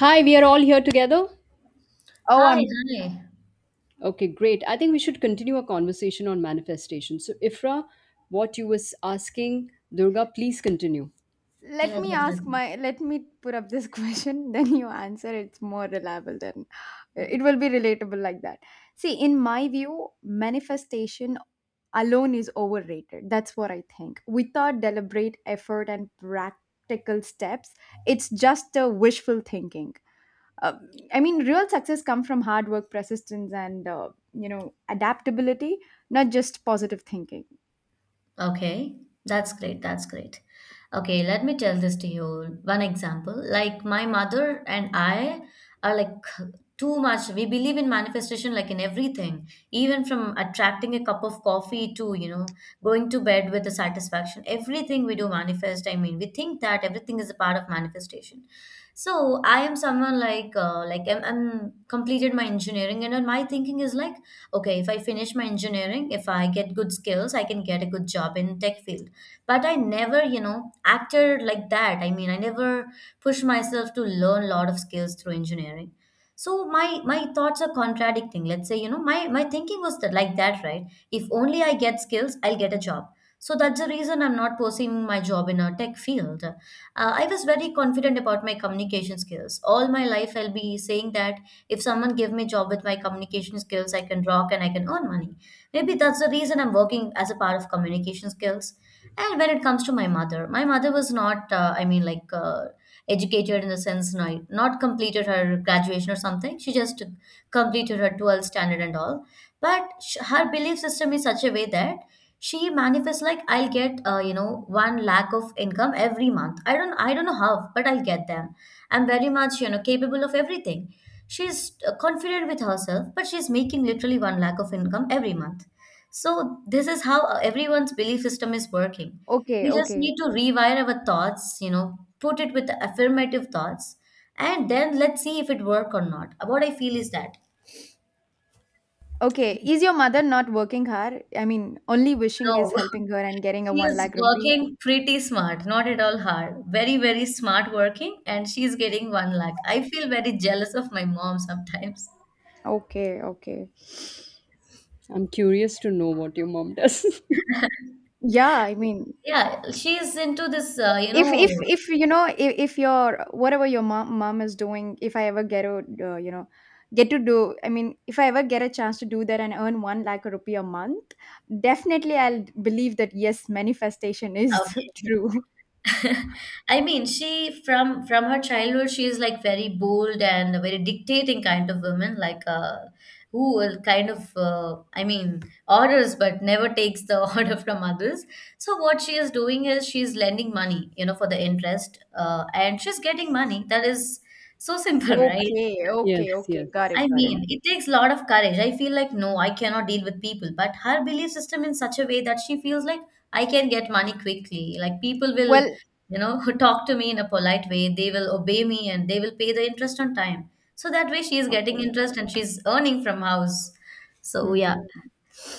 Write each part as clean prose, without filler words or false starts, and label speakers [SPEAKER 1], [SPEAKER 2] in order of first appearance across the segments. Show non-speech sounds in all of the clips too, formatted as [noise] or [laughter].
[SPEAKER 1] Hi, we are all here together.
[SPEAKER 2] Oh,
[SPEAKER 3] Hi,
[SPEAKER 2] I'm
[SPEAKER 3] hi.
[SPEAKER 1] Okay, great. I think we should continue our conversation on manifestation. So, Ifra, what you was asking, Durga, please continue.
[SPEAKER 3] Yeah, definitely.
[SPEAKER 2] Let me put up this [laughs] question, then you answer. It's more reliable than, it will be relatable like that. See, in my view, manifestation alone is overrated. That's what I think. Without deliberate effort and practical steps, it's just a wishful thinking. Uh, I mean, real success comes from hard work, persistence, and adaptability, not just positive thinking.
[SPEAKER 3] Okay, that's great. That's great. Okay, let me tell this to you. One example, like my mother and I are like too much. We believe in manifestation, like in everything, even from attracting a cup of coffee to, going to bed with the satisfaction. Everything we do manifest. I mean, we think that everything is a part of manifestation. So I am someone like I'm completed my engineering, and then my thinking is like okay, if I finish my engineering, if I get good skills, I can get a good job in tech field. But I never acted like that. I mean, I never pushed myself to learn a lot of skills through engineering. So my thoughts are contradicting. Let's say my thinking was that like that, right? If only I get skills, I'll get a job. So that's the reason I'm not pursuing my job in a tech field. I was very confident about my communication skills all my life. I'll be saying that if someone give me a job with my communication skills, I can rock and I can earn money. Maybe that's the reason I'm working as a part of communication skills. And when it comes to my mother was not, I mean, like educated in the sense, not completed her graduation or something. She just completed her 12th standard and all, but sh her belief system is such a way that she manifests like I'll get, one lakh of income every month. I don't know how, but I'll get them. I'm very much, capable of everything. She's, confident with herself, but she's making literally one lakh of income every month. So this is how, everyone's belief system is working.
[SPEAKER 2] Okay,
[SPEAKER 3] We just
[SPEAKER 2] okay.
[SPEAKER 3] need to rewire our thoughts, put it with affirmative thoughts, and then let's see if it work or not. What I feel is that
[SPEAKER 2] Okay, is your mother not working hard? I mean, only wishing is
[SPEAKER 3] no. [laughs]
[SPEAKER 2] helping her and getting a
[SPEAKER 3] She
[SPEAKER 2] 1
[SPEAKER 3] is
[SPEAKER 2] lakh rupee.
[SPEAKER 3] working pretty smart, not at all hard. Very, very smart working, and she's getting one lakh. I feel very jealous of my mom sometimes.
[SPEAKER 2] Okay, okay.
[SPEAKER 1] I'm curious to know what your mom does.
[SPEAKER 2] Yeah, I mean,
[SPEAKER 3] Yeah, she's into this,
[SPEAKER 2] if if if you know if, if your whatever your mom is doing, if I ever get a I mean, if I ever get a chance to do that and earn 1 lakh rupee a month, definitely I'll believe that yes, manifestation is [laughs]
[SPEAKER 3] Okay.
[SPEAKER 2] true.
[SPEAKER 3] [laughs] I mean, she from her childhood, she is like very bold and a very dictating kind of woman, like who will kind of I mean, orders, but never takes the [laughs] order from others. So what she is doing is she's lending money, you know, for the interest, and she's getting money. That is so simple, [laughs] right?
[SPEAKER 2] Okay,
[SPEAKER 1] [laughs]
[SPEAKER 2] okay,
[SPEAKER 1] Yes,
[SPEAKER 2] okay.
[SPEAKER 1] yes.
[SPEAKER 2] Got it,
[SPEAKER 3] I
[SPEAKER 2] got it.
[SPEAKER 3] mean, it takes a lot of courage. I feel like, no, I cannot deal with people. But her belief system in such a way that she feels like I can get money quickly. Like people will,
[SPEAKER 2] Well,
[SPEAKER 3] [laughs] talk to me in a polite way. They will obey me and they will pay the interest on time. So that way she is getting
[SPEAKER 2] okay.
[SPEAKER 3] interest and she's earning from house. So yeah.
[SPEAKER 2] Hmm.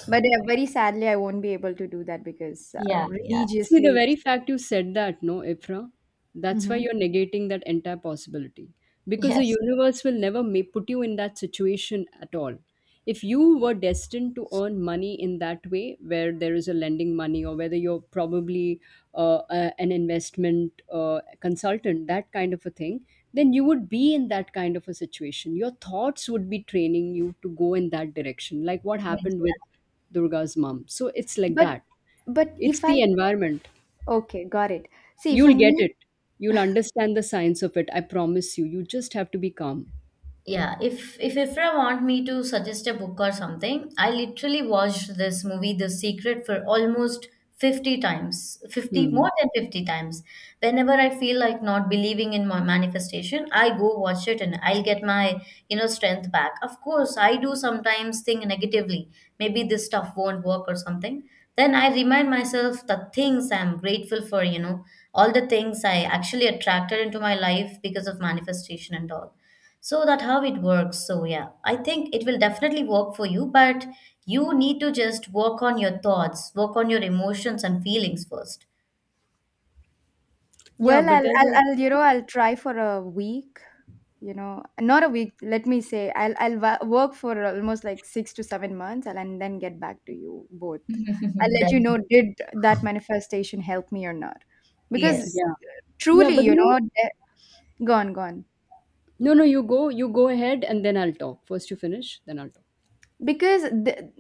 [SPEAKER 2] But yeah, very sadly, I won't be able to do that because
[SPEAKER 3] Yeah, yeah.
[SPEAKER 1] See, the
[SPEAKER 2] religiously,
[SPEAKER 1] very
[SPEAKER 2] it's.
[SPEAKER 1] fact you said that, no, Ifra, that's why
[SPEAKER 2] Hmm.
[SPEAKER 1] you're negating that entire possibility. Because the
[SPEAKER 3] Yes.
[SPEAKER 1] universe will never put you in that situation at all. If you were destined to earn money in that way, where there is a lending money or whether you're probably an investment consultant, that kind of a thing, then you would be in that kind of a situation. Your thoughts would be training you to go in that direction, like what
[SPEAKER 3] Yes.
[SPEAKER 1] happened with Durga's mom. So it's like
[SPEAKER 2] but
[SPEAKER 1] that.
[SPEAKER 2] but
[SPEAKER 1] It's
[SPEAKER 2] if I,
[SPEAKER 1] the environment.
[SPEAKER 2] okay, got it. See, for
[SPEAKER 1] You'll get
[SPEAKER 2] me,
[SPEAKER 1] it. You'll understand the science of it. I promise you. You just have to be calm.
[SPEAKER 3] Yeah, if Ifra want me to suggest a book or something, I literally watched this movie, The Secret, for almost 50 times, 50
[SPEAKER 1] Hmm.
[SPEAKER 3] more than 50 times. Whenever I feel like not believing in my manifestation, I go watch it and I'll get my, strength back. Of course, I do sometimes think negatively, maybe this stuff won't work or something. Then I remind myself the things I'm grateful for, all the things I actually attracted into my life because of manifestation and all, so that how it works. So yeah, I think it will definitely work for you, but you need to just work on your thoughts, work on your emotions and feelings first.
[SPEAKER 1] Yeah,
[SPEAKER 2] well,
[SPEAKER 1] but there's
[SPEAKER 2] I'll
[SPEAKER 1] a,
[SPEAKER 2] you know I'll try for a week. You know, not a week. Let me say, I'll work for almost like 6 to 7 months, and then get back to you both. I'll
[SPEAKER 3] [laughs]
[SPEAKER 2] let you
[SPEAKER 3] Then,
[SPEAKER 2] know did that manifestation help me or not, because
[SPEAKER 3] yes,
[SPEAKER 1] yeah. Yeah,
[SPEAKER 2] truly,
[SPEAKER 1] but you know,
[SPEAKER 2] go on, go on.
[SPEAKER 1] no, no, you go ahead and then I'll talk. First you finish, then I'll talk.
[SPEAKER 2] Because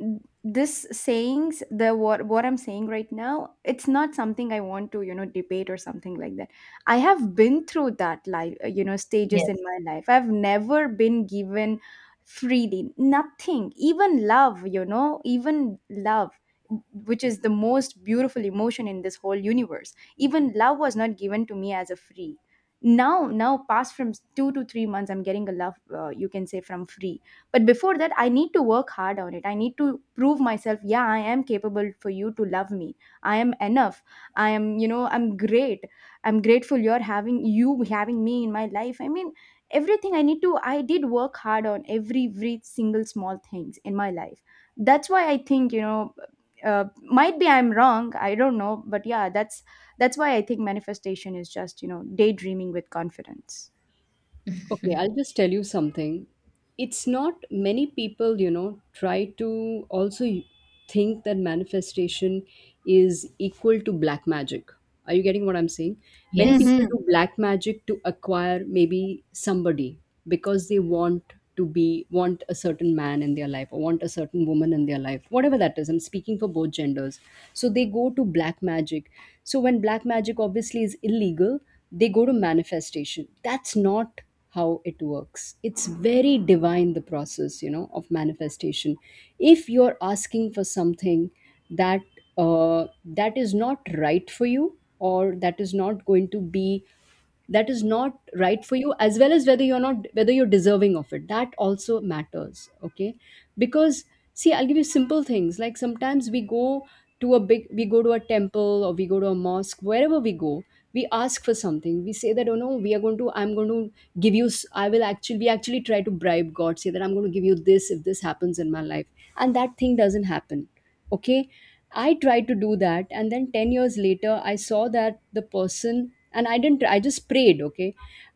[SPEAKER 2] this sayings, the what I'm saying right now, it's not something I want to debate or something like that. I have been through that life, stages in
[SPEAKER 3] yes,
[SPEAKER 2] my life. I've never been given freely nothing, even love, even love, which is the most beautiful emotion in this whole universe. Even love was not given to me as a free. Now, past from 2 to 3 months I'm getting a love, you can say, from free. But before that I need to work hard on it. I need to prove myself. Yeah, I am capable for you to love me. I am enough. I am, I'm great. I'm grateful you having me in my life. I mean, everything. I need to i did work hard on every single small things in my life. That's why I think, uh, might be I'm wrong, I don't know, but yeah, that's why I think manifestation is just, daydreaming with confidence.
[SPEAKER 1] Okay, I'll just tell you something. It's not many people, try to also think that manifestation is equal to black magic. Are you getting what I'm saying? Many
[SPEAKER 3] yes,
[SPEAKER 1] people
[SPEAKER 2] Mhm.
[SPEAKER 1] do black magic to acquire maybe somebody because they want a certain man in their life or want a certain woman in their life, whatever that is. I'm speaking for both genders. So they go to black magic. So when black magic obviously is illegal, they go to manifestation. That's not how it works. It's very divine, the process, of manifestation. If you're asking for something that that is not right for you, or that is not right for you, as well as whether you're not whether you're deserving of it, that also matters. Okay. Because, see, I'll give you simple things. Like sometimes we go to a big we go to a temple, or we go to a mosque, wherever we go, we ask for something. We say that, oh, no, we are going to I will actually we actually try to bribe God, say that I'm going to give you this if this happens in my life, and that thing doesn't happen. Okay. I tried to do that, and then 10 years later I saw that the person, and I didn't I just prayed. Okay.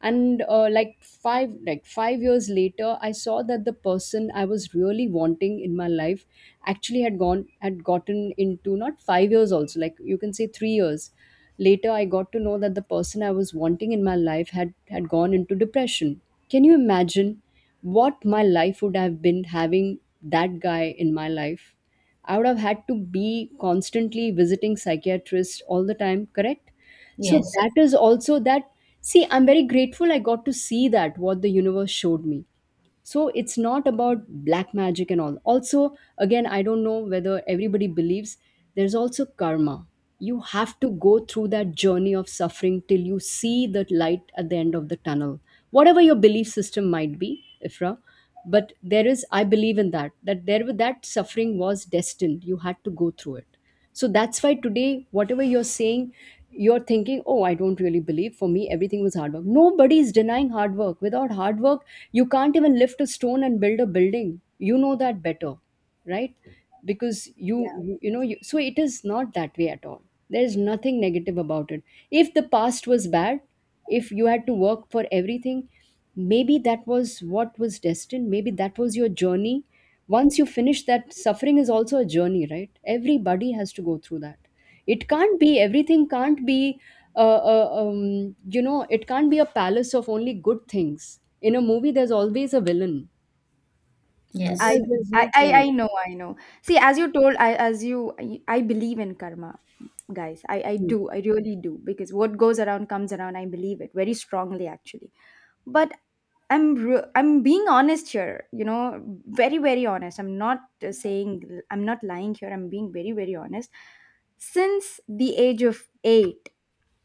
[SPEAKER 1] And like 5 years later I saw that the person I was really wanting in my life actually had gotten into, not 5 years, also, like you can say, 3 years later, I got to know that the person I was wanting in my life had gone into depression. Can you imagine what my life would have been having that guy in my life? I would have had to be constantly visiting psychiatrists all the time, correct? So
[SPEAKER 3] yes,
[SPEAKER 1] that is also that. See, I'm very grateful I got to see that, what the universe showed me. So it's not about black magic and all. Also, again, I don't know whether everybody believes. There's also karma. You have to go through that journey of suffering till you see the light at the end of the tunnel, whatever your belief system might be, Ifra. But there is, I believe in that, that there that suffering was destined, you had to go through it. So that's why today, whatever you're saying, you're thinking, oh, I don't really believe, for me everything was hard work. Nobody is denying hard work. Without hard work, you can't even lift a stone and build a building. You know that better, right? Because
[SPEAKER 2] Yeah.
[SPEAKER 1] so it is not that way at all. There is nothing negative about it. If the past was bad, if you had to work for everything, maybe that was what was destined, maybe that was your journey. Once you finish that, suffering is also a journey, right? Everybody has to go through that. It can't be Everything can't be it can't be a palace of only good things. In a movie there's always a villain,
[SPEAKER 2] I,
[SPEAKER 3] yes.
[SPEAKER 1] otherwise there's
[SPEAKER 2] I
[SPEAKER 1] no
[SPEAKER 2] I I
[SPEAKER 1] point.
[SPEAKER 2] know, I know. See, as you told, I believe in karma, guys. I
[SPEAKER 1] Hmm.
[SPEAKER 2] do. I really do because what goes around comes around. I believe it very strongly actually. But I'm being honest here, very very honest. I'm not, saying I'm not lying here. I'm being very very honest. Since the age of 8,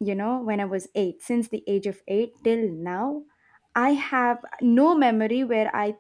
[SPEAKER 2] when I was 8, since the age of 8 till now, I have no memory where I,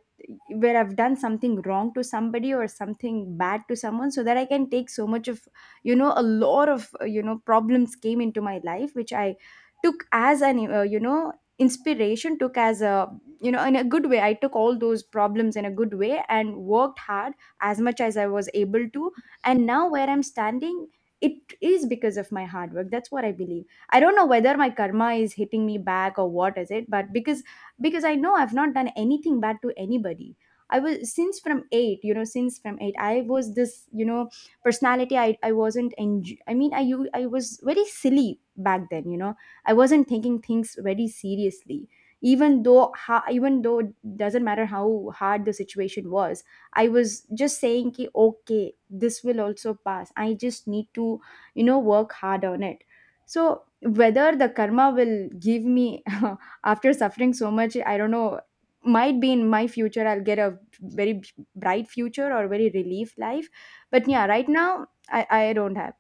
[SPEAKER 2] where I've done something wrong to somebody or something bad to someone, so that I can take so much of, a lot of problems came into my life, which I took as an, inspiration, took as a, in a good way. I took all those problems in a good way and worked hard as much as I was able to. And now where I'm standing, it is because of my hard work. That's what I believe. I don't know whether my karma is hitting me back or what is it, but because I know I've not done anything bad to anybody. I was since from 8, since from 8 I was this, personality. I wasn't enj- I mean, I was very silly back then. I wasn't taking things very seriously. Even though it doesn't matter how hard the situation was, I was just saying, "Ki, okay, this will also pass. I just need to, work hard on it." So whether the karma will give me [laughs] after suffering so much, I don't know. Might be in my future, I'll get a very bright future or very relief life. But yeah, right now, I don't have.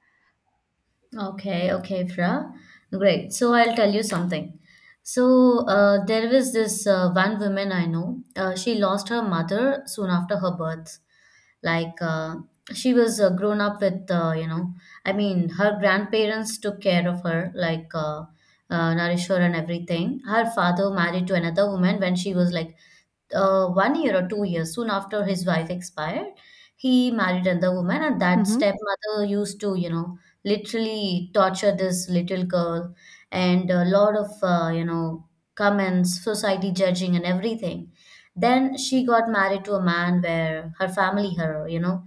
[SPEAKER 3] Okay, okay, Fra. Great. So I'll tell you something. So there was this one woman I know. She lost her mother soon after her birth. Like she was grown up with, I mean, her grandparents took care of her, like nourish her and everything. Her father married to another woman when she was like 1 year or 2 years. Soon after his wife expired, he married another woman, and that
[SPEAKER 2] Mhm.
[SPEAKER 3] stepmother used to, literally torture this little girl. And a lot of comments, society judging and everything. Then she got married to a man where her family, her, you know,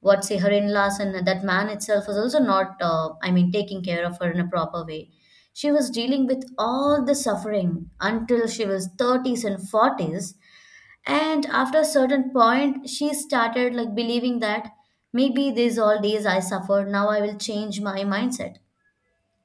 [SPEAKER 3] what say, her in-laws and that man itself was also not, I mean, taking care of her in a proper way. She was dealing with all the suffering until she was 30s and 40s. And after a certain point, she started like believing that maybe these all days I suffered, now I will change my mindset.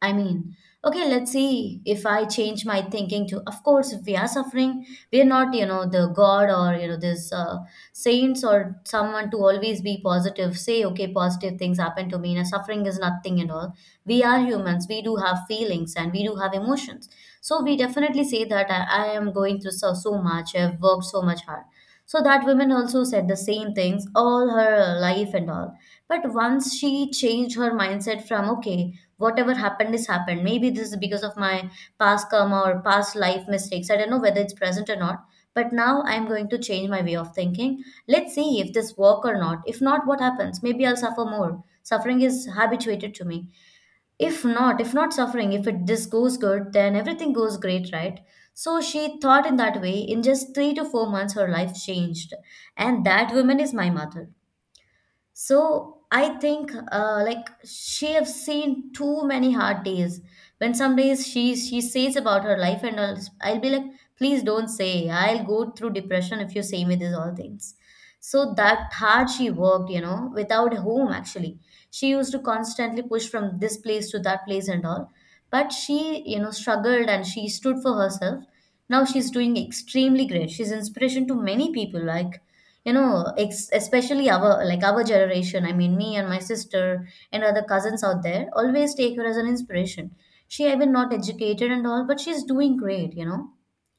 [SPEAKER 3] I mean, okay, let's see if I change my thinking to, of course, if we are suffering, we are not, you know, the God or, you know, this, saints or someone to always be positive, say, okay, positive things happen to me, and suffering is nothing and all. We are humans, we do have feelings and we do have emotions. So we definitely say that I am going through so, so much, I have worked so much hard. So that woman also said the same things all her life and all. But once she changed her mindset from, okay, whatever happened is happened. Maybe this is because of my past karma or past life mistakes. I don't know whether it's present or not. But now I'm going to change my way of thinking. Let's see if this work or not. If not, what happens? Maybe I'll suffer more. Suffering is habituated to me. If not suffering, if it this goes good, then everything goes great, right? So she thought in that way. In just 3 to 4 months, her life changed, and that woman is my mother. So I think, like, she have seen too many hard days. When some days she says about her life, and I'll be like, please don't say. I'll go through depression if you say me these all things. So that hard she worked, you know, without home actually. She used to constantly push from this place to that place and all. But she, you know, struggled and she stood for herself. Now she's doing extremely great. She's inspiration to many people. Like, especially our, like, our generation. I mean, me and my sister and other cousins out there always take her as an inspiration. She even not educated and all, but she's doing great, you know.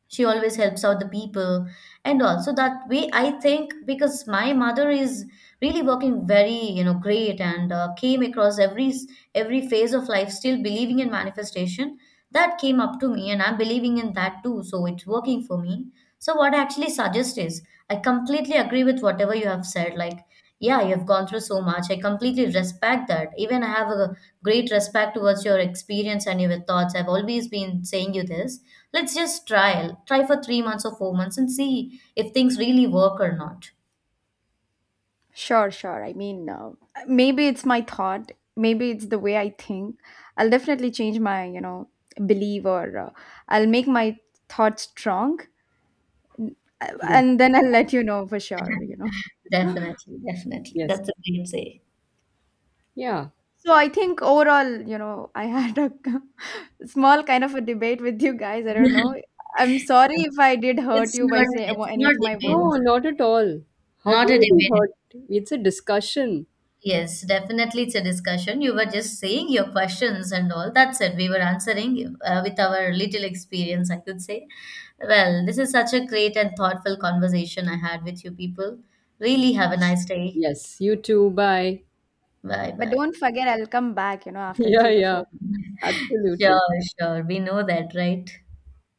[SPEAKER 3] She always helps out the people. And also that way, I think, because my mother is really working very, you know, great, and came across every phase of life still believing in manifestation, that came up to me and I'm believing in that too, so it's working for me. So what I actually suggest is, I completely agree with whatever you have said. Like, yeah, you've gone through so much. I completely respect that. Even I have a great respect towards your experience and your thoughts. I've always been saying you this. Let's just try. Try for 3 months or 4 months and see if things really work or not.
[SPEAKER 2] Sure, sure. I mean, maybe it's my thought, maybe it's the way I think. I'll definitely change my, belief or, I'll make my thoughts strong,
[SPEAKER 1] Yes,
[SPEAKER 2] and then I'll let you know for sure.
[SPEAKER 3] Definitely, definitely.
[SPEAKER 1] yes.
[SPEAKER 3] That's a great say.
[SPEAKER 1] Yeah.
[SPEAKER 2] So I think overall, I had a [laughs] small kind of a debate with you guys. I don't know. I'm sorry if I did hurt you by saying
[SPEAKER 3] It's
[SPEAKER 2] any
[SPEAKER 3] not
[SPEAKER 2] of my
[SPEAKER 3] debate,
[SPEAKER 1] No,
[SPEAKER 2] words,
[SPEAKER 1] not at all. How can
[SPEAKER 3] not a
[SPEAKER 1] you be
[SPEAKER 3] debate.
[SPEAKER 1] hurt? It's a discussion.
[SPEAKER 3] Yes, definitely it's a discussion. You were just saying your questions and all. That's it. We were answering, with our little experience, I could say. Well, this is such a great and thoughtful conversation I had with you people. Really have a nice day.
[SPEAKER 1] Yes, you too. Bye. [laughs]
[SPEAKER 3] Bye
[SPEAKER 2] but
[SPEAKER 3] bye.
[SPEAKER 2] don't forget I'll come back, after
[SPEAKER 1] Yeah,
[SPEAKER 2] three to
[SPEAKER 1] yeah.
[SPEAKER 2] four.
[SPEAKER 3] Sure,
[SPEAKER 1] Absolutely.
[SPEAKER 3] sure. We know that, right?